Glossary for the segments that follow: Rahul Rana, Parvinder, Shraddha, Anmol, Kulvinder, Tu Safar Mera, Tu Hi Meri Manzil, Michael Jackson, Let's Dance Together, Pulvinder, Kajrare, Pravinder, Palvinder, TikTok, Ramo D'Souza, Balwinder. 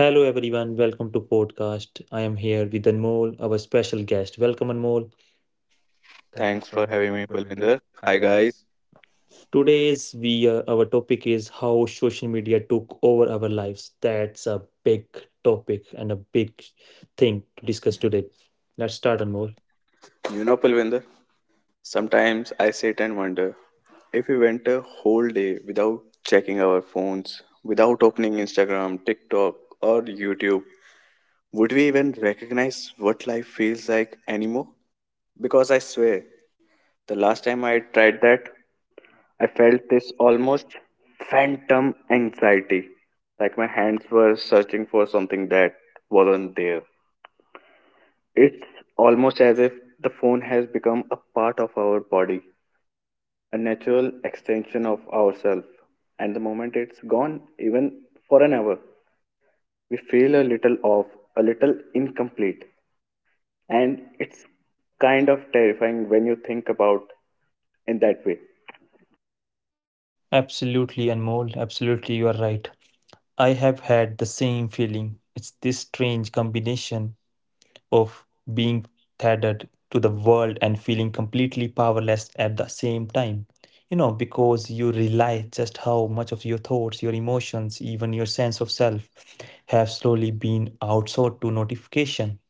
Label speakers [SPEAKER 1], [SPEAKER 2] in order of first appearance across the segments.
[SPEAKER 1] Hello everyone, welcome to podcast. I am here with Anmol, our special guest. Welcome Anmol.
[SPEAKER 2] Thanks
[SPEAKER 1] Thanks
[SPEAKER 2] for
[SPEAKER 1] for
[SPEAKER 2] having
[SPEAKER 1] having
[SPEAKER 2] me,
[SPEAKER 1] me,
[SPEAKER 2] Pulvinder.
[SPEAKER 1] Parvinder.
[SPEAKER 2] Hi,
[SPEAKER 1] Hi,
[SPEAKER 2] guys.
[SPEAKER 1] guys. Today's we our topic is how social media took over our lives. That's a big topic and a big thing to discuss today. Let's start Anmol.
[SPEAKER 2] You know, Pulvinder, sometimes I sit and wonder if we went a whole day without checking our phones, without opening Instagram, TikTok, or YouTube, would we even recognize what life feels like anymore? Because I swear, the last time I tried that, I felt this almost phantom anxiety, like my hands were searching for something that wasn't there. It's almost as if the phone has become a part of our body, a natural extension of ourselves. And the moment it's gone, even for an hour, we feel a little off, a little incomplete. And it's kind of terrifying when you think about in that way.
[SPEAKER 1] Absolutely Anmol, absolutely you are right. I have had the same feeling. It's this strange combination of being tethered to the world and feeling completely powerless at the same time, you know, because you realize just how much of your thoughts, your emotions, even your sense of self have slowly been outsourced to notification,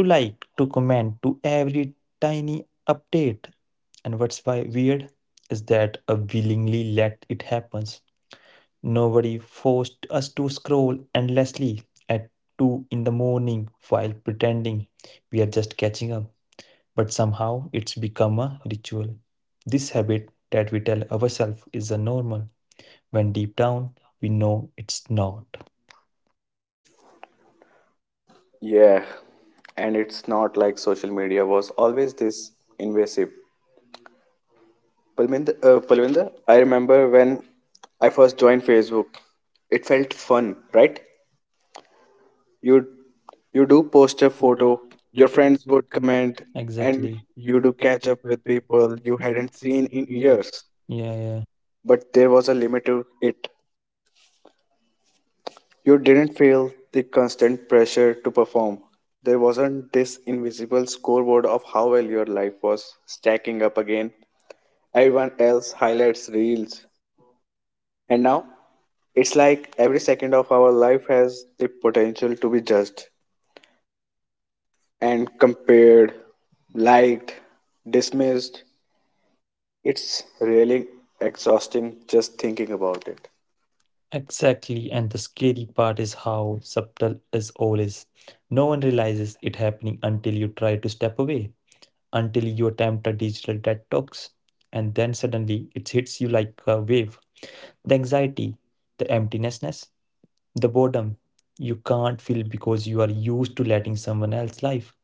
[SPEAKER 1] to like, to comment, to every tiny update. And what's why weird is that I willingly let it happen. Nobody forced us to scroll endlessly at 2 in the morning while pretending we are just catching up. But somehow it's become a ritual. This habit that we tell ourselves is a normal, when deep down we know it's not.
[SPEAKER 2] Yeah, and it's not like social media was always this invasive. Palvinder, I remember when I first joined Facebook, it felt fun, right? you you do post
[SPEAKER 1] Just
[SPEAKER 2] a
[SPEAKER 1] a
[SPEAKER 2] photo,
[SPEAKER 1] photo,
[SPEAKER 2] your
[SPEAKER 1] your
[SPEAKER 2] friends
[SPEAKER 1] friends
[SPEAKER 2] would
[SPEAKER 1] would
[SPEAKER 2] comment,
[SPEAKER 1] comment, and
[SPEAKER 2] and
[SPEAKER 1] exactly,
[SPEAKER 2] you
[SPEAKER 1] you
[SPEAKER 2] do
[SPEAKER 1] to
[SPEAKER 2] catch
[SPEAKER 1] catch
[SPEAKER 2] up
[SPEAKER 1] up
[SPEAKER 2] with
[SPEAKER 1] with
[SPEAKER 2] people
[SPEAKER 1] people
[SPEAKER 2] you
[SPEAKER 1] you
[SPEAKER 2] hadn't
[SPEAKER 1] hadn't
[SPEAKER 2] seen
[SPEAKER 1] seen
[SPEAKER 2] in
[SPEAKER 1] in
[SPEAKER 2] years.
[SPEAKER 1] years. Yeah, yeah.
[SPEAKER 2] But there was a limit to it. You didn't feel the constant pressure to perform. There wasn't this invisible scoreboard of how well your life was stacking up again. Everyone else highlights reels. And now, it's like every second of our life has the potential to be judged. And compared, liked, dismissed. It's really exhausting just thinking about it.
[SPEAKER 1] Exactly, and the scary part is how subtle is all is. No one realizes it happening until you try to step away, until you attempt a digital detox, and then suddenly it hits you like a wave. The anxiety, the emptinessness, the boredom you can't feel because you are used to letting someone else's life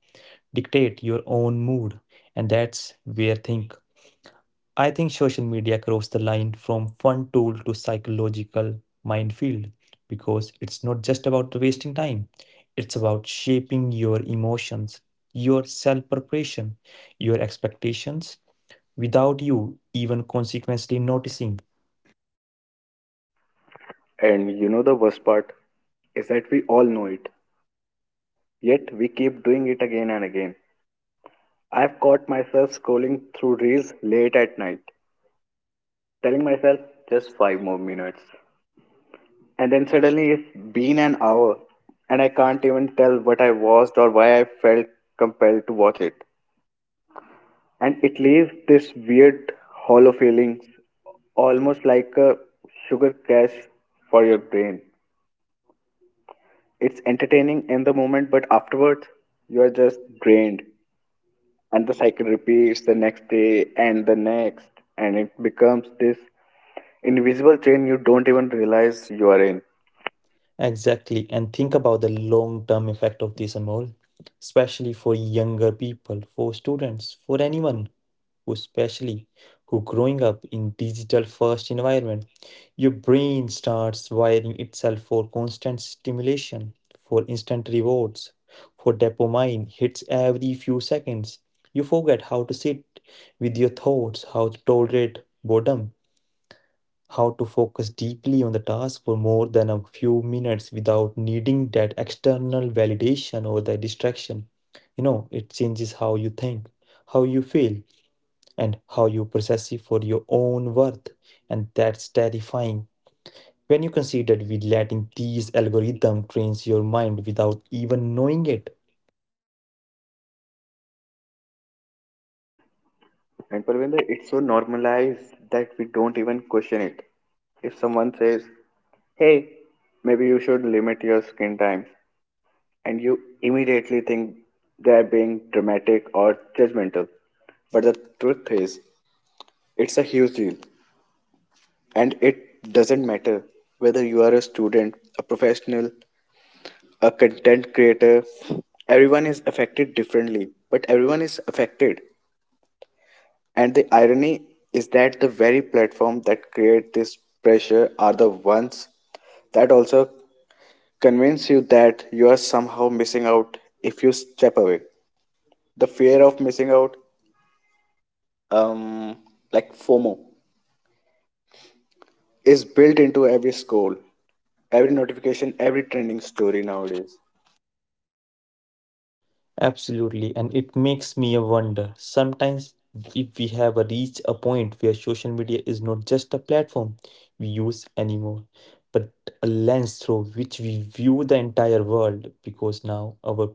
[SPEAKER 1] dictate your own mood, and that's where things I think social media crossed the line from fun tool to psychological minefield, because it's not just about wasting time, it's about shaping your emotions, your self preparation, your expectations without you even consequently noticing.
[SPEAKER 2] And you know, the worst part is that we all know it, yet we keep doing it again and again. I've caught myself scrolling through reels late at night, telling myself just five more minutes. And then suddenly it's been an hour, and I can't even tell what I watched or why I felt compelled to watch it. And it leaves this weird hollow feeling, almost like a sugar crash for your brain. It's entertaining in the moment, but afterwards you are just drained, and the cycle repeats the next day and the next. And it becomes this invisible chain you don't even realize you are in.
[SPEAKER 1] Exactly. And think about the long-term effect of this, Anmol, especially for younger people, for students, for anyone who especially who growing up in digital first environment. Your brain starts wiring itself for constant stimulation, for instant rewards, for dopamine hits every few seconds. You forget how to sit with your thoughts, how to tolerate boredom, how to focus deeply on the task for more than a few minutes without needing that external validation or the distraction. You know, it changes how you think, how you feel, and how you process it for your own worth. And that's terrifying. When you consider we letting these algorithm trains your mind without even knowing it.
[SPEAKER 2] And Parvinder, it's so normalized that we don't even question it. If someone says, hey, maybe you should limit your screen time, and you immediately think they're being dramatic or judgmental. But the truth is, it's a huge deal, and it doesn't matter whether you are a student, a professional, a content creator, everyone is affected differently, but everyone is affected. And the irony is that the very platform that create this pressure are the ones that also convince you that you are somehow missing out if you step away. The fear of missing out, um, like FOMO, is built into every scroll, every notification, every trending story nowadays.
[SPEAKER 1] Absolutely, and it makes me wonder sometimes if we have reached a point where social media is not just a platform we use anymore, but a lens through which we view the entire world, because now our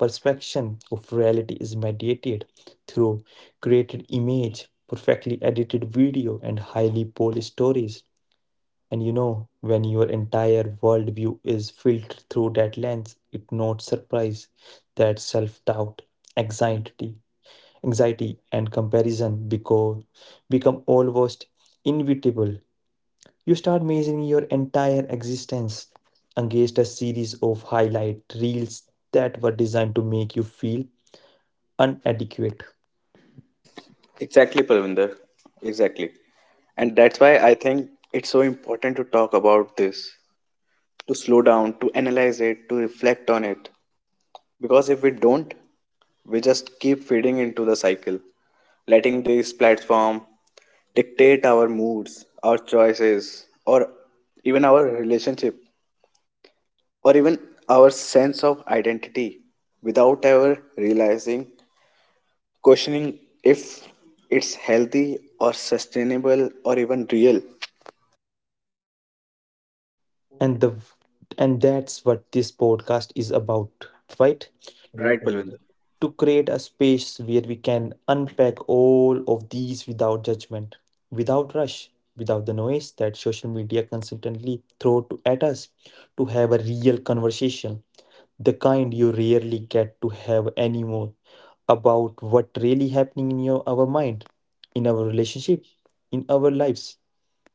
[SPEAKER 1] perception of reality is mediated through created image, perfectly edited video, and highly polished stories. And you know, when your entire worldview is filtered through that lens, it's not surprise that self-doubt, anxiety, anxiety and comparison because become almost inevitable. You start measuring your entire existence against a series of highlight reels that were designed to make you feel inadequate.
[SPEAKER 2] Exactly, Parvinder. Exactly. And that's why I think it's so important to talk about this, to slow down, to analyze it, to reflect on it. Because if we don't, we just keep feeding into the cycle, letting this platform dictate our moods, our choices, or even our relationship or even our sense of identity without ever realizing, questioning if it's healthy or sustainable or even real.
[SPEAKER 1] and the and that's what this podcast is about, right? Right,
[SPEAKER 2] Right,
[SPEAKER 1] Melinda.
[SPEAKER 2] Palvinder.
[SPEAKER 1] To create a space where we can unpack all of these without judgment, without rush, without the noise that social media constantly throw to, at us, to have a real conversation, the kind you rarely get to have anymore, about what really happening in your our mind, in our relationship, in our lives,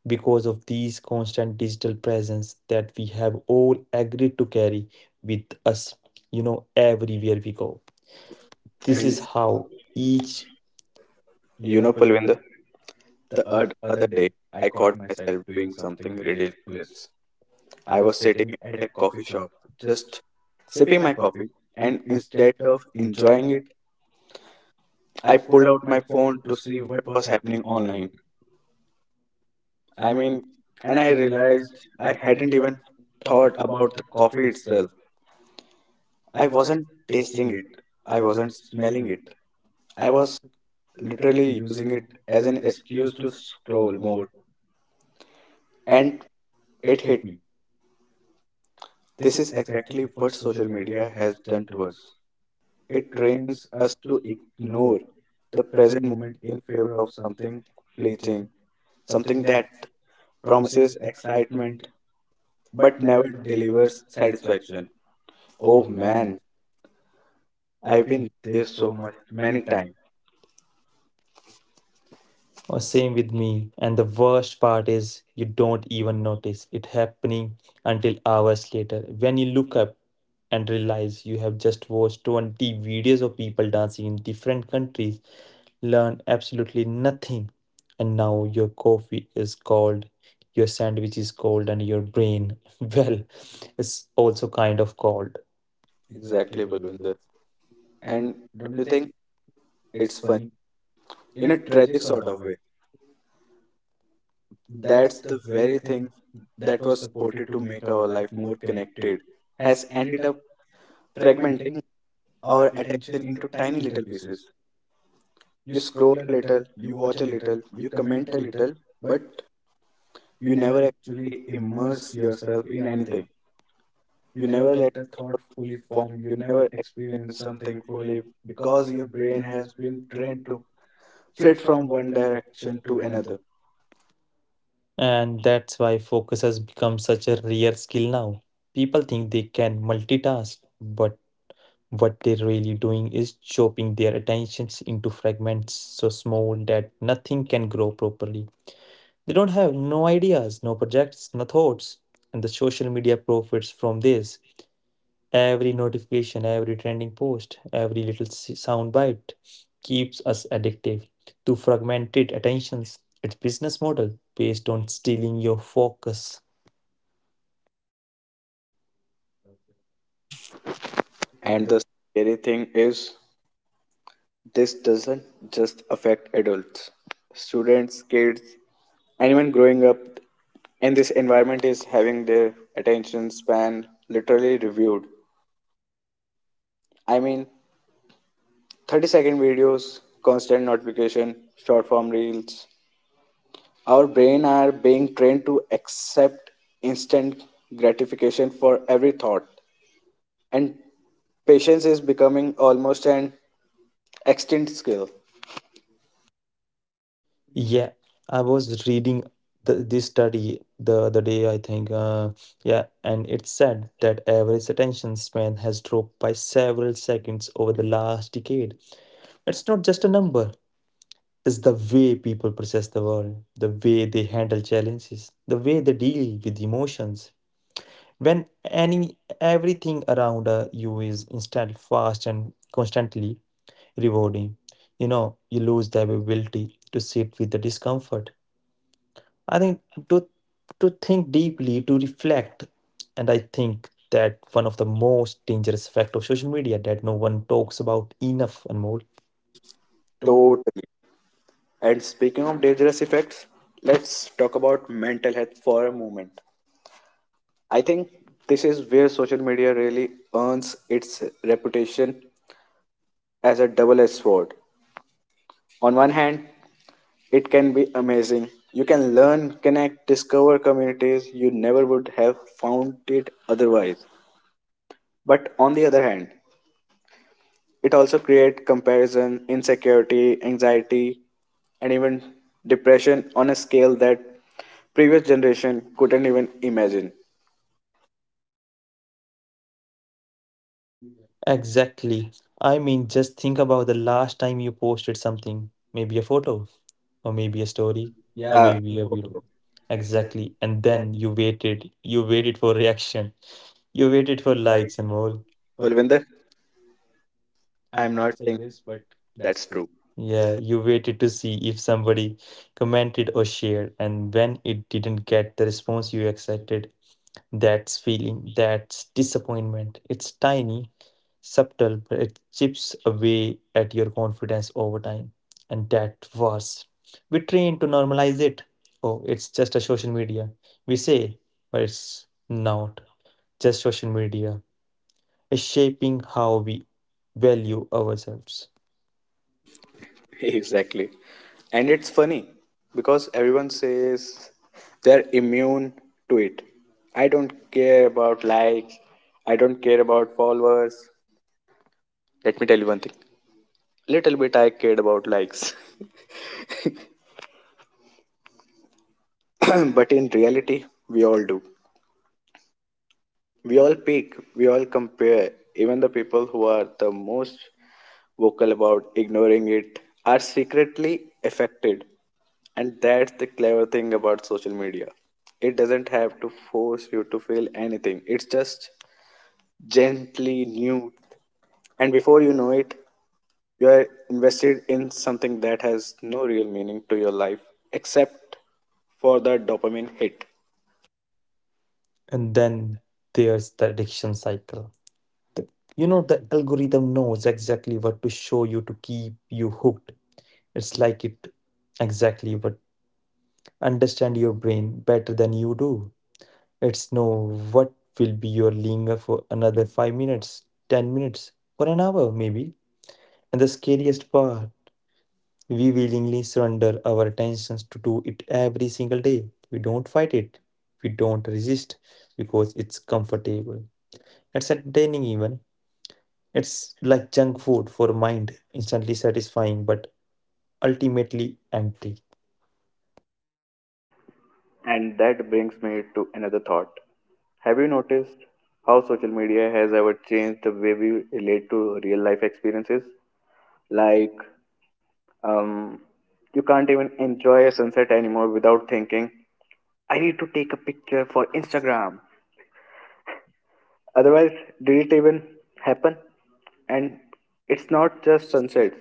[SPEAKER 1] because of these constant digital presence that we have all agreed to carry with us, you know, everywhere we go. This
[SPEAKER 2] And
[SPEAKER 1] is how each. You
[SPEAKER 2] you
[SPEAKER 1] know,
[SPEAKER 2] know,
[SPEAKER 1] Pulvinder,
[SPEAKER 2] Palvinder,
[SPEAKER 1] the
[SPEAKER 2] other
[SPEAKER 1] other
[SPEAKER 2] day
[SPEAKER 1] day I
[SPEAKER 2] I
[SPEAKER 1] caught
[SPEAKER 2] caught myself
[SPEAKER 1] myself doing
[SPEAKER 2] doing
[SPEAKER 1] something
[SPEAKER 2] something
[SPEAKER 1] ridiculous.
[SPEAKER 2] ridiculous.
[SPEAKER 1] I
[SPEAKER 2] I
[SPEAKER 1] was
[SPEAKER 2] was sitting
[SPEAKER 1] sitting at
[SPEAKER 2] at
[SPEAKER 1] a
[SPEAKER 2] a
[SPEAKER 1] coffee
[SPEAKER 2] coffee shop,
[SPEAKER 1] shop, just
[SPEAKER 2] just
[SPEAKER 1] sipping
[SPEAKER 2] sipping
[SPEAKER 1] my
[SPEAKER 2] my
[SPEAKER 1] coffee,
[SPEAKER 2] coffee,
[SPEAKER 1] and
[SPEAKER 2] and
[SPEAKER 1] instead
[SPEAKER 2] instead of
[SPEAKER 1] of enjoying
[SPEAKER 2] enjoying it,
[SPEAKER 1] it, I
[SPEAKER 2] I
[SPEAKER 1] pulled
[SPEAKER 2] pulled
[SPEAKER 1] out
[SPEAKER 2] out
[SPEAKER 1] my
[SPEAKER 2] my phone
[SPEAKER 1] phone to
[SPEAKER 2] to
[SPEAKER 1] see
[SPEAKER 2] see what
[SPEAKER 1] what was
[SPEAKER 2] was
[SPEAKER 1] happening
[SPEAKER 2] happening
[SPEAKER 1] online.
[SPEAKER 2] online.
[SPEAKER 1] I
[SPEAKER 2] I
[SPEAKER 1] mean,
[SPEAKER 2] mean,
[SPEAKER 1] and
[SPEAKER 2] and
[SPEAKER 1] I
[SPEAKER 2] I realized
[SPEAKER 1] realized I
[SPEAKER 2] I
[SPEAKER 1] hadn't
[SPEAKER 2] hadn't
[SPEAKER 1] even
[SPEAKER 2] even
[SPEAKER 1] thought
[SPEAKER 2] thought
[SPEAKER 1] about
[SPEAKER 2] about
[SPEAKER 1] the
[SPEAKER 2] the
[SPEAKER 1] coffee
[SPEAKER 2] coffee
[SPEAKER 1] itself.
[SPEAKER 2] itself.
[SPEAKER 1] I
[SPEAKER 2] I
[SPEAKER 1] wasn't
[SPEAKER 2] wasn't
[SPEAKER 1] tasting
[SPEAKER 2] tasting it,
[SPEAKER 1] it, I
[SPEAKER 2] I
[SPEAKER 1] wasn't
[SPEAKER 2] wasn't
[SPEAKER 1] smelling
[SPEAKER 2] smelling it.
[SPEAKER 1] it. I
[SPEAKER 2] I was
[SPEAKER 1] was literally
[SPEAKER 2] literally
[SPEAKER 1] using
[SPEAKER 2] using it
[SPEAKER 1] it as
[SPEAKER 2] as
[SPEAKER 1] an
[SPEAKER 2] an
[SPEAKER 1] excuse
[SPEAKER 2] excuse
[SPEAKER 1] to
[SPEAKER 2] to
[SPEAKER 1] scroll
[SPEAKER 2] scroll
[SPEAKER 1] more,
[SPEAKER 2] more.
[SPEAKER 1] and
[SPEAKER 2] And
[SPEAKER 1] it
[SPEAKER 2] it
[SPEAKER 1] hit
[SPEAKER 2] hit.
[SPEAKER 1] me. This
[SPEAKER 2] This
[SPEAKER 1] is
[SPEAKER 2] is exactly
[SPEAKER 1] exactly what
[SPEAKER 2] what
[SPEAKER 1] social
[SPEAKER 2] social
[SPEAKER 1] media
[SPEAKER 2] media
[SPEAKER 1] has
[SPEAKER 2] has
[SPEAKER 1] done
[SPEAKER 2] done
[SPEAKER 1] to
[SPEAKER 2] to us.
[SPEAKER 1] us. It
[SPEAKER 2] It trains
[SPEAKER 1] trains us
[SPEAKER 2] us
[SPEAKER 1] to
[SPEAKER 2] to
[SPEAKER 1] ignore
[SPEAKER 2] ignore
[SPEAKER 1] the
[SPEAKER 2] the present
[SPEAKER 1] present
[SPEAKER 2] moment
[SPEAKER 1] moment in
[SPEAKER 2] in favor
[SPEAKER 1] favor of
[SPEAKER 2] of
[SPEAKER 1] something
[SPEAKER 2] something fleeting,
[SPEAKER 1] fleeting, something
[SPEAKER 2] something
[SPEAKER 1] that
[SPEAKER 2] that
[SPEAKER 1] promises
[SPEAKER 2] promises
[SPEAKER 1] excitement
[SPEAKER 2] excitement
[SPEAKER 1] but
[SPEAKER 2] but never
[SPEAKER 1] never delivers
[SPEAKER 2] delivers
[SPEAKER 1] satisfaction.
[SPEAKER 2] satisfaction.
[SPEAKER 1] Oh
[SPEAKER 2] Oh
[SPEAKER 1] man,
[SPEAKER 2] man,
[SPEAKER 1] I've
[SPEAKER 2] I've been
[SPEAKER 1] been there
[SPEAKER 2] there
[SPEAKER 1] so
[SPEAKER 2] so
[SPEAKER 1] much,
[SPEAKER 2] much,
[SPEAKER 1] many
[SPEAKER 2] many
[SPEAKER 1] times.
[SPEAKER 2] times.
[SPEAKER 1] Oh, same with me. And the worst part is you don't even notice it happening until hours later when you look up and realize you have just watched 20 videos of people dancing in different countries, learn absolutely nothing. And now your coffee is cold, your sandwich is cold, and your brain, well, is also kind of cold. Exactly,
[SPEAKER 2] Exactly, Balwinder.
[SPEAKER 1] Kulvinder. And
[SPEAKER 2] And do
[SPEAKER 1] don't you
[SPEAKER 2] you
[SPEAKER 1] think
[SPEAKER 2] think
[SPEAKER 1] it's
[SPEAKER 2] it's fun
[SPEAKER 1] funny in
[SPEAKER 2] in
[SPEAKER 1] a
[SPEAKER 2] a
[SPEAKER 1] tragic
[SPEAKER 2] tragic
[SPEAKER 1] sort
[SPEAKER 2] sort
[SPEAKER 1] of
[SPEAKER 2] of
[SPEAKER 1] way?
[SPEAKER 2] way?
[SPEAKER 1] That's
[SPEAKER 2] That's
[SPEAKER 1] the
[SPEAKER 2] the
[SPEAKER 1] very
[SPEAKER 2] very thing
[SPEAKER 1] thing that
[SPEAKER 2] that
[SPEAKER 1] was
[SPEAKER 2] was
[SPEAKER 1] supported
[SPEAKER 2] supported
[SPEAKER 1] to
[SPEAKER 2] to
[SPEAKER 1] make
[SPEAKER 2] make
[SPEAKER 1] our
[SPEAKER 2] our
[SPEAKER 1] life
[SPEAKER 2] life
[SPEAKER 1] more
[SPEAKER 2] more
[SPEAKER 1] connected
[SPEAKER 2] connected
[SPEAKER 1] has
[SPEAKER 2] has
[SPEAKER 1] ended
[SPEAKER 2] ended
[SPEAKER 1] up
[SPEAKER 2] up
[SPEAKER 1] fragmenting
[SPEAKER 2] fragmenting
[SPEAKER 1] our
[SPEAKER 2] our
[SPEAKER 1] attention
[SPEAKER 2] attention
[SPEAKER 1] into
[SPEAKER 2] into
[SPEAKER 1] tiny
[SPEAKER 2] tiny
[SPEAKER 1] little
[SPEAKER 2] little
[SPEAKER 1] pieces.
[SPEAKER 2] pieces.
[SPEAKER 1] You
[SPEAKER 2] You
[SPEAKER 1] scroll
[SPEAKER 2] scroll
[SPEAKER 1] a
[SPEAKER 2] a
[SPEAKER 1] little,
[SPEAKER 2] little,
[SPEAKER 1] you
[SPEAKER 2] you
[SPEAKER 1] watch a
[SPEAKER 2] watch a
[SPEAKER 1] little,
[SPEAKER 2] little,
[SPEAKER 1] you
[SPEAKER 2] you
[SPEAKER 1] comment a
[SPEAKER 2] comment a
[SPEAKER 1] little,
[SPEAKER 2] little,
[SPEAKER 1] but
[SPEAKER 2] but
[SPEAKER 1] you
[SPEAKER 2] you
[SPEAKER 1] never
[SPEAKER 2] never
[SPEAKER 1] actually
[SPEAKER 2] actually
[SPEAKER 1] immerse
[SPEAKER 2] immerse
[SPEAKER 1] yourself
[SPEAKER 2] yourself
[SPEAKER 1] in
[SPEAKER 2] in
[SPEAKER 1] anything.
[SPEAKER 2] anything.
[SPEAKER 1] You
[SPEAKER 2] You
[SPEAKER 1] never
[SPEAKER 2] never let
[SPEAKER 1] let a thought
[SPEAKER 2] yourself
[SPEAKER 1] fully
[SPEAKER 2] perform.
[SPEAKER 1] form, you
[SPEAKER 2] You
[SPEAKER 1] never
[SPEAKER 2] never
[SPEAKER 1] experience
[SPEAKER 2] experience
[SPEAKER 1] something
[SPEAKER 2] something
[SPEAKER 1] fully
[SPEAKER 2] fully
[SPEAKER 1] because
[SPEAKER 2] because
[SPEAKER 1] your
[SPEAKER 2] your
[SPEAKER 1] brain
[SPEAKER 2] brain has
[SPEAKER 1] has
[SPEAKER 2] been
[SPEAKER 1] been
[SPEAKER 2] trained
[SPEAKER 1] trained
[SPEAKER 2] to
[SPEAKER 1] to fit
[SPEAKER 2] flit
[SPEAKER 1] from
[SPEAKER 2] from
[SPEAKER 1] one
[SPEAKER 2] one
[SPEAKER 1] direction
[SPEAKER 2] direction
[SPEAKER 1] to
[SPEAKER 2] to
[SPEAKER 1] another.
[SPEAKER 2] another.
[SPEAKER 1] And that's why focus has become such a rare skill now. People think they can multitask, but what they're really doing is chopping their attentions into fragments so small that nothing can grow properly. They don't have no ideas, no projects, no thoughts. And the social media profits from this. Every notification, every trending post, every little sound bite keeps us addictive to fragmented attentions. Its business model based on stealing your focus and
[SPEAKER 2] And
[SPEAKER 1] the.
[SPEAKER 2] the scary thing is, this doesn't just affect adults, students, kids, anyone growing up in this environment is having their attention span literally reviewed. I mean, 30-second videos, constant notification, short form reels, our brain are being trained to accept instant gratification for every thought, and patience is becoming almost an extinct skill.
[SPEAKER 1] Yeah, I was reading the, this study the other day, I think. Yeah, and it said that average attention span has dropped by several seconds over the last decade. It's not just a number, it's the way people process the world, the way they handle challenges, the way they deal with emotions. When any everything around you is instant, fast, and constantly rewarding, you know, you lose the ability to sit with the discomfort, I think, to to think deeply, to reflect, and I think that one of the most dangerous effect of social media that no one talks about enough, Anmol. To
[SPEAKER 2] Totally. And speaking of dangerous effects, let's talk about mental health for a moment. I think this is where social media really earns its reputation as a double edged sword. On one hand, it can be amazing. You can learn, connect, discover communities you never would have found it otherwise. But on the other hand, it also creates comparison, insecurity, anxiety, and even depression on a scale that previous generation couldn't even imagine.
[SPEAKER 1] exactly. I mean, just think about the last time you posted something, maybe a photo, or maybe a story, yeah, or
[SPEAKER 2] Uh,
[SPEAKER 1] maybe a video.
[SPEAKER 2] Exactly.
[SPEAKER 1] Exactly. And
[SPEAKER 2] Then
[SPEAKER 1] then you waited for reaction, you
[SPEAKER 2] you
[SPEAKER 1] waited
[SPEAKER 2] waited
[SPEAKER 1] for
[SPEAKER 2] your
[SPEAKER 1] likes
[SPEAKER 2] life
[SPEAKER 1] and
[SPEAKER 2] and you
[SPEAKER 1] all.
[SPEAKER 2] Pulvinder,
[SPEAKER 1] I'm
[SPEAKER 2] I'm
[SPEAKER 1] not
[SPEAKER 2] not
[SPEAKER 1] saying
[SPEAKER 2] saying
[SPEAKER 1] this, but that's
[SPEAKER 2] that's
[SPEAKER 1] true.
[SPEAKER 2] true.
[SPEAKER 1] Yeah,
[SPEAKER 2] Yeah.
[SPEAKER 1] you waited to see if somebody commented or shared, and when it didn't get the response you expected, that's feeling, that's disappointment. It's tiny, subtle, but it chips away at your confidence over time. And that was, we train to normalize it. Oh, it's just a social media. We say, but it's not just social media. It's shaping how we value ourselves.
[SPEAKER 2] Exactly. And it's funny because everyone says they're immune to it. I don't care about likes. I don't care about followers. Let me tell you one thing. Little bit I cared about likes. But in reality, we all do. We all peek, we all compare. Even the people who are the most vocal about ignoring it are secretly affected. And that's the clever thing about social media. It doesn't have to force you to feel anything. It's just gently new. And before you know it, you are invested in something that has no real meaning to your life except for the dopamine hit.
[SPEAKER 1] And then there's the addiction cycle. The- you know, the algorithm knows exactly what to show you to keep you hooked. It's like it exactly what understand your brain better than you do. It's know what will be your linger for another 5 minutes, 10 minutes, or an hour maybe. And the scariest part, we willingly surrender our attentions to do it every single day. We don't fight it. We don't resist because it's comfortable. It's entertaining even. It's like junk food for a mind, instantly satisfying but ultimately empty.
[SPEAKER 2] And that brings me to another thought. Have you noticed how social media has ever changed the way we relate to real life experiences? Like um, you can't even enjoy a sunset anymore without thinking, I need to take a picture for Instagram. Otherwise, did it even happen? And it's not just sunsets,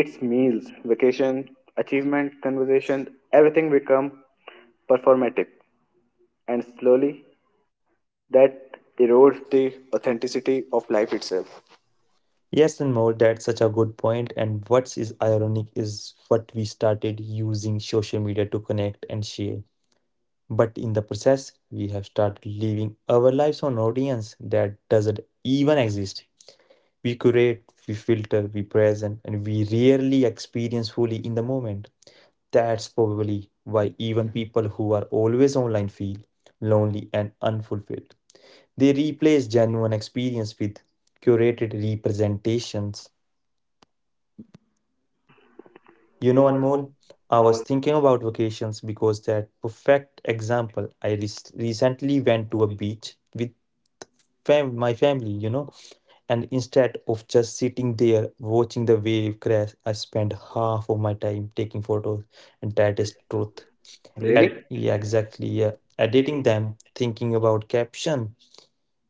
[SPEAKER 2] it's meals, vacation, achievement, conversation, everything become performative, and slowly that erodes the authenticity of life itself.
[SPEAKER 1] Yes, and more, that's such a good point. And what is ironic is what we started using social media to connect and share. But in the process, we have started living our lives on audience that doesn't even exist. We curate, we filter, we present, and we rarely experience fully in the moment. That's probably why even people who are always online feel lonely and unfulfilled. They replace genuine experience with curated representations. You
[SPEAKER 2] You know,
[SPEAKER 1] know,
[SPEAKER 2] Anmol,
[SPEAKER 1] Anmol, I
[SPEAKER 2] I was
[SPEAKER 1] was thinking about vacations because that perfect example. I recently went to a beach with my family, you know, and instead of just sitting there watching the wave crash, I spent half of my time taking photos, and that is truth. Really?
[SPEAKER 2] really
[SPEAKER 1] Yeah, exactly. Yeah, editing them, thinking about caption,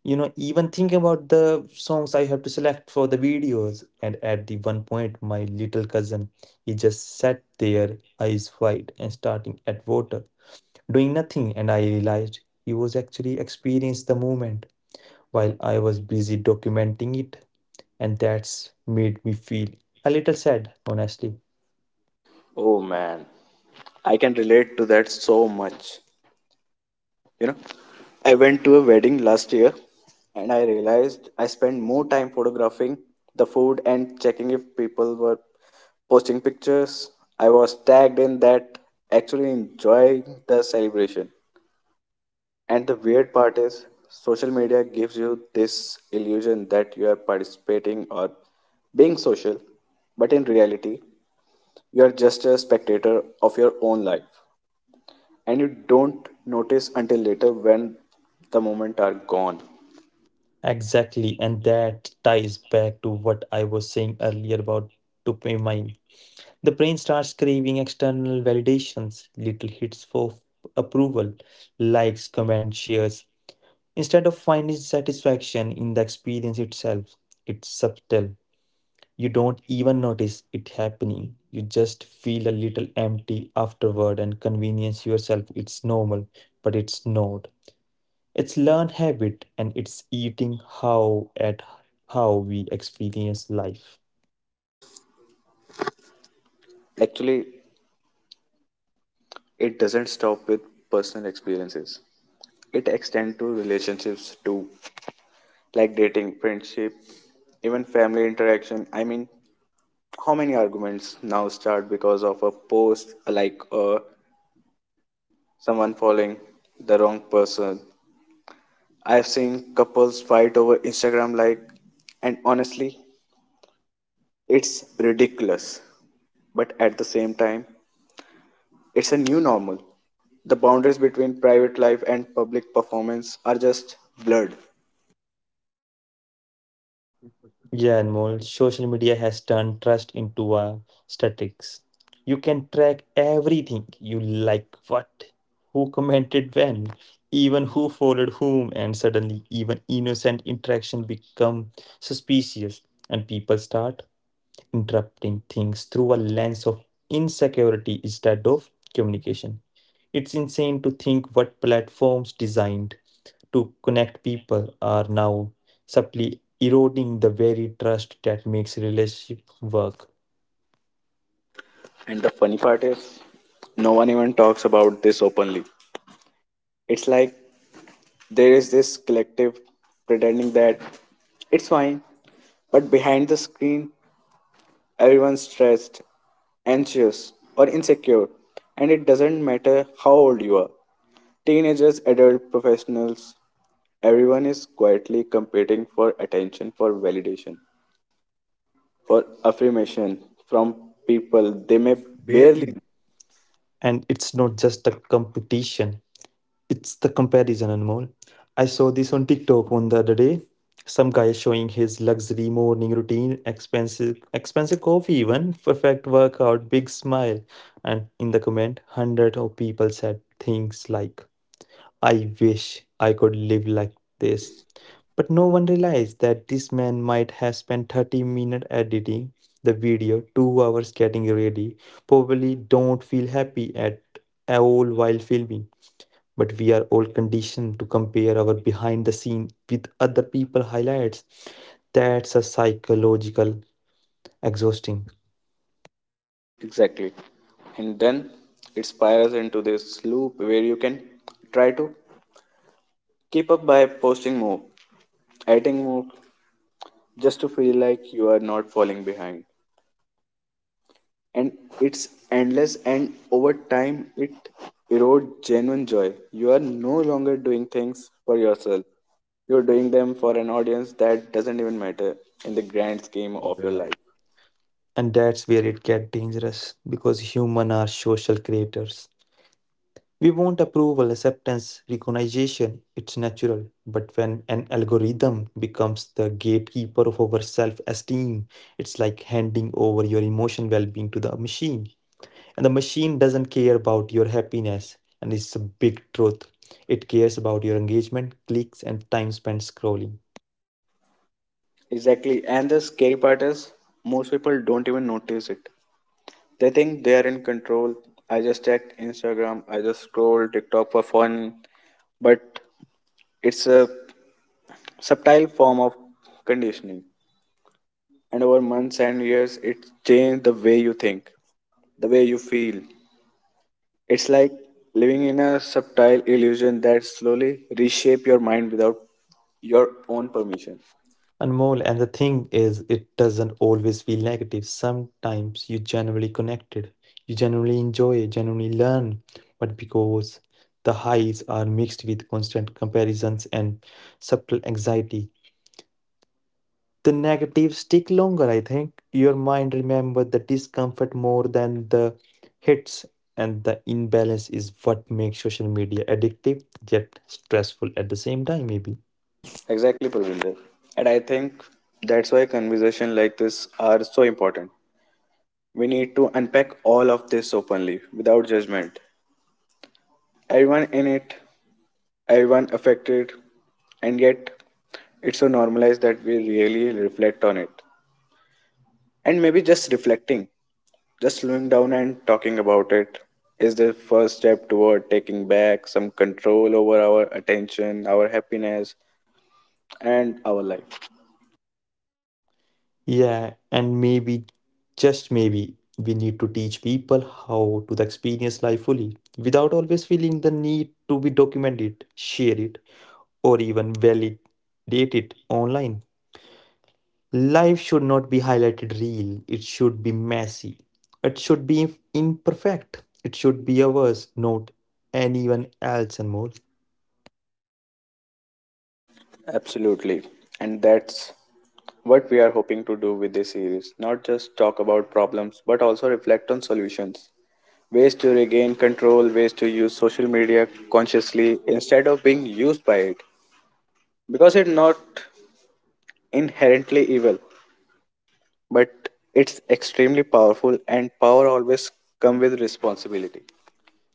[SPEAKER 1] you know, even think about the songs I have to select for the videos, and at the one point my little cousin, he just sat there, eyes wide and starting at water, doing nothing, and I realized he was actually experiencing the moment while I was busy documenting it, and that's made me feel a little sad, honestly.
[SPEAKER 2] oh man, I can relate to that so much. You know, I went to a wedding last year and I realized I spent more time photographing the food and checking if people were posting pictures. I was tagged in that actually enjoying the celebration. And the weird part is, social media gives you this illusion that you are participating or being social, but in reality, you are just a spectator of your own life, and you don't notice until later when the moment are gone.
[SPEAKER 1] Exactly, and that ties back to what I was saying earlier about dopamine. The brain starts craving external validations, little hits for approval, likes, comments, shares, instead of finding satisfaction in the experience itself. It's subtle. You don't even notice it happening. You just feel a little empty afterward and convince yourself it's normal, but it's not. It's learned habit and it's eating how at how we experience life.
[SPEAKER 2] Actually, it doesn't stop with personal experiences, it extends to relationships too, like dating, friendship, even family interaction. I mean, how many arguments now start because of a post, like someone following the wrong person. I've seen couples fight over Instagram like, and honestly, it's ridiculous. But at the same time, it's a new normal. The boundaries between private life and public performance are just blurred.
[SPEAKER 1] Yeah, Anmol, social media has turned trust into a statistics. You can track everything you like, what, who commented when, even who followed whom, and suddenly even innocent interaction become suspicious, and people start interpreting things through a lens of insecurity instead of communication. It's insane to think what platforms designed to connect people are now subtly eroding the very trust that makes relationship work.
[SPEAKER 2] And the funny part is, no one even talks about this openly. It's like there is this collective pretending that it's fine, but behind the screen, everyone's stressed, anxious, or insecure. And it doesn't matter how old you are, teenagers, adult professionals, everyone is quietly competing for attention, for validation, for affirmation from people they may
[SPEAKER 1] Barely.
[SPEAKER 2] barely
[SPEAKER 1] And it's not just a competition. It's the comparison animal. I saw this on TikTok on the other day. Some guy showing his luxury morning routine, expensive coffee even, perfect workout, big smile. And in the comment, hundred of people said things like, I wish I could live like this. But no one realized that this man might have spent 30 minutes editing the video, 2 hours getting ready, probably don't feel happy at all while filming, but we are all conditioned to compare our behind the scene with other people highlights. That's a psychological exhausting
[SPEAKER 2] exactly. And then it spirals into this loop where you can try to keep up by posting more, adding more, just to feel like you are not falling behind. And it's endless, and over time it erodes genuine joy. You are no longer doing things for yourself, you're doing them for an audience that doesn't even matter in the grand
[SPEAKER 1] game
[SPEAKER 2] scheme
[SPEAKER 1] of
[SPEAKER 2] of
[SPEAKER 1] your
[SPEAKER 2] your
[SPEAKER 1] life.
[SPEAKER 2] life.
[SPEAKER 1] And that's where it gets dangerous, because human are social creators. We want approval, acceptance, recognition. It's natural, but when an algorithm becomes the gatekeeper of our self-esteem, it's like handing over your emotional well-being to the machine. And the machine doesn't care about your happiness, and it's a big truth. It cares about your engagement, clicks, and time spent scrolling.
[SPEAKER 2] Exactly. And the scary part is most people don't even notice it. They think they are in control. I just check Instagram, I just scroll TikTok for fun. But it's a subtle form of conditioning. And over months and years, it changed the way you think, the way you feel. It's like living in a subtle illusion that slowly reshape your mind without your own permission.
[SPEAKER 1] Anmol, and the thing is, it doesn't always feel negative. Sometimes you genuinely connected, you genuinely enjoy, genuinely learn, but because the highs are mixed with constant comparisons and subtle anxiety, the negatives stick longer. I think your mind remembers the discomfort more than the hits, and the imbalance is what makes social media addictive yet stressful at the same time, maybe.
[SPEAKER 2] Exactly, Pravinder. And I think that's why conversation like this are so important. We need to unpack all of this openly, without judgment. Everyone in it, everyone affected, and yet it's so normalized that we really reflect on it. And maybe just reflecting, just slowing down and talking about it is the first step toward taking back some control over our attention, our happiness, and our life.
[SPEAKER 1] Yeah, and maybe, just maybe, we need to teach people how to experience life fully without always feeling the need to be documented, share it, or even validate it online. Life should not be highlighted real. It should be messy. It should be imperfect. It should be ours, not anyone else and more.
[SPEAKER 2] Absolutely. And that's what we are hoping to do with this series. Not just talk about problems, but also reflect on solutions. Ways to regain control, ways to use social media consciously instead of being used by it. Because it's not inherently evil, but it's extremely powerful and power always come with responsibility.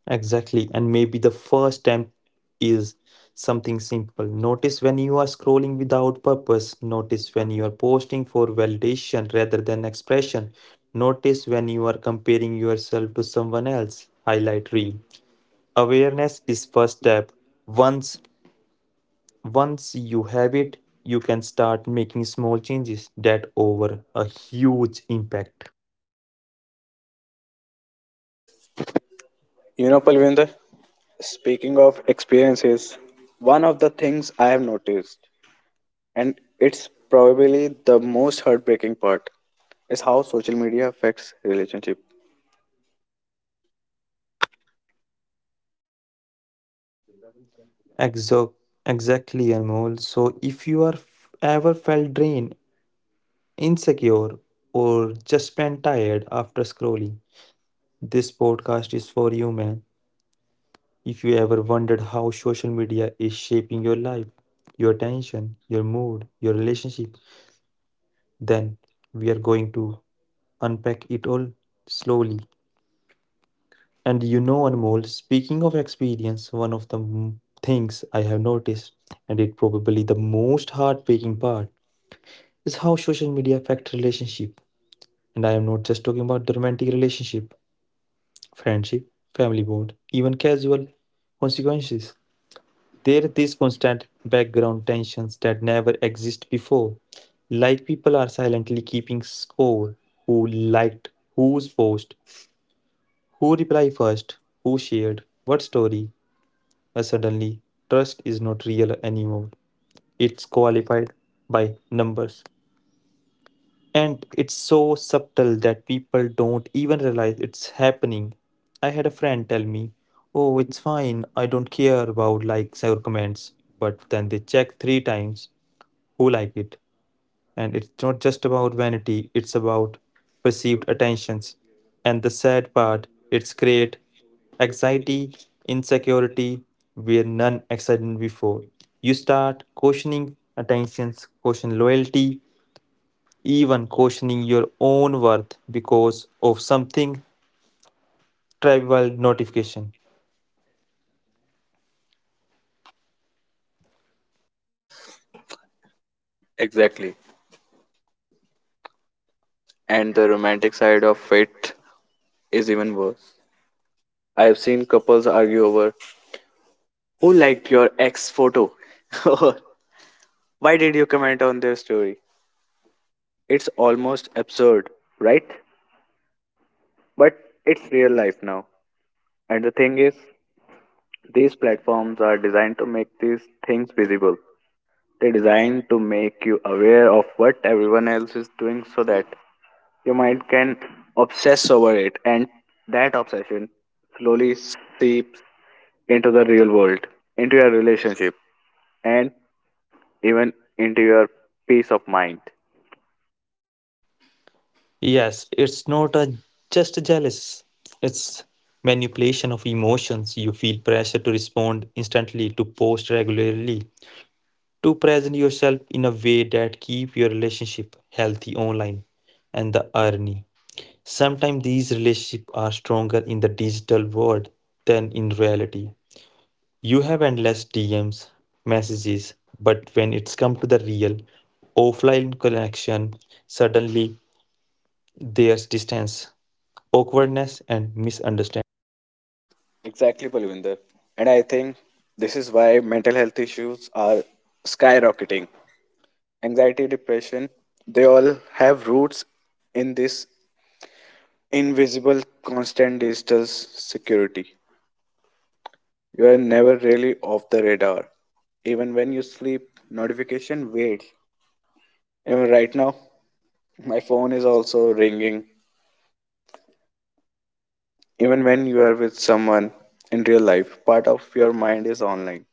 [SPEAKER 1] Exactly. And maybe the first time is something simple. Notice when you are scrolling without purpose. Notice when you are posting for validation rather than expression. Notice when you are comparing yourself to someone else. Highlight reel. Awareness is first step. Once Once you have it, you can start making small changes that over a huge impact.
[SPEAKER 2] You know, Palvinder, speaking of experiences, one of the things I have noticed, and it's probably the most heartbreaking part, is how social media affects relationship.
[SPEAKER 1] Exo- exactly, Anmol. So if you are ever felt drained, insecure, or just plain tired after scrolling, this podcast is for you, man. If you ever wondered how social media is shaping your life, your attention, your mood, your relationship, then we are going to unpack it all slowly. And you know, Anmol, speaking of experience, one of the things I have noticed, and it probably the most heartbreaking part, is how social media affect relationship. And I am not just talking about the romantic relationship, friendship, family bond, even casual consequences. There are these constant background tensions that never exist before. Like people are silently keeping score, who liked whose post, who replied first, who shared what story. Suddenly trust is not real anymore. It's qualified by numbers. And it's so subtle that people don't even realize it's happening. I had a friend tell me, "Oh, it's fine, I don't care about likes or comments." But then they check three times who liked it, and it's not just about vanity, it's about perceived attentions. And the sad part, it's create anxiety, insecurity, where none existed before. You start questioning attentions, question loyalty, even questioning your own worth because of something trivial notification.
[SPEAKER 2] Exactly. And the romantic side of it is even worse. I have seen couples argue over who liked your ex photo, or why did you comment on their story. It's almost absurd, right? But it's real life now. And the thing is, these platforms are designed to make these things visible. They designed to make you aware of what everyone else is doing so that your mind can obsess over it, and that obsession slowly seeps into the real world, into your relationship, and even into your peace of mind.
[SPEAKER 1] Yes, it's not a just jealous. It's manipulation of emotions. You feel pressure to respond instantly, to post regularly, to present yourself in a way that keep your relationship healthy online. And the irony, sometimes these relationships are stronger in the digital world than in reality. You have endless DMs, messages, but when it's come to the real offline connection, suddenly there's distance, awkwardness, and misunderstanding.
[SPEAKER 2] Exactly, Palvinder. And I think this is why mental health issues are skyrocketing. Anxiety, depression, they all have roots in this invisible constant digital security. You are never really off the radar. Even when you sleep, notification waits. Even right now, my phone is also ringing. Even when you are with someone in real life, part of your mind is online.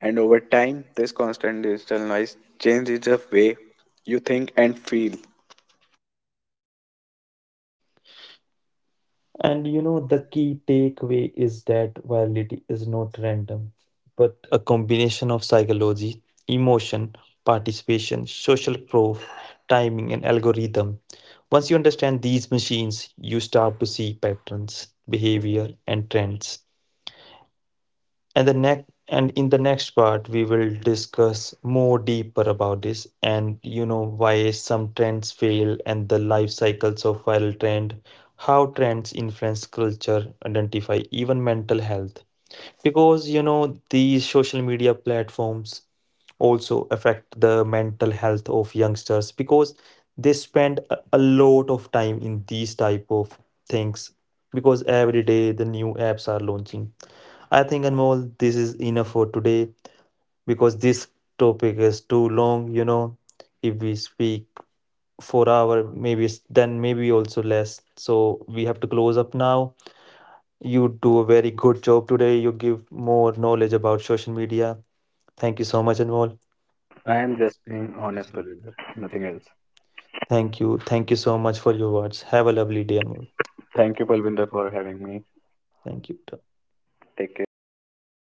[SPEAKER 2] And over time, this constant digital noise changes the way you think and feel.
[SPEAKER 1] And you know, the key takeaway is that virility is not random, but a combination of psychology, emotion, participation, social proof, timing, and algorithm. Once you understand these machines, you start to see patterns, behavior, and trends. And the next and in the next part we will discuss more deeper about this, and you know why some trends fail and the life cycles of viral trend, how trends influence culture, identify, even mental health. Because you know these social media platforms also affect the mental health of youngsters, because they spend a lot of time in these type of things, because every day the new apps are launching. I think, Anmol, this is enough for today, because this topic is too long. You know, if we speak for hour, maybe then maybe also less. So we have to close up now. You do a very good job today. You give more knowledge about social media. Thank you so much, Anmol. I
[SPEAKER 2] I
[SPEAKER 1] am
[SPEAKER 2] am just
[SPEAKER 1] just being
[SPEAKER 2] being
[SPEAKER 1] honest,
[SPEAKER 2] honest, Parvinder.
[SPEAKER 1] Balwinder. Nothing
[SPEAKER 2] Nothing else.
[SPEAKER 1] else. Thank you. Thank you so much for your words. Have a lovely day, Anmol. Thank
[SPEAKER 2] Thank
[SPEAKER 1] you,
[SPEAKER 2] you,
[SPEAKER 1] Balwinder,
[SPEAKER 2] Palvinder,
[SPEAKER 1] for
[SPEAKER 2] for
[SPEAKER 1] having
[SPEAKER 2] having
[SPEAKER 1] me.
[SPEAKER 2] me.
[SPEAKER 1] Thank you.
[SPEAKER 2] Take care.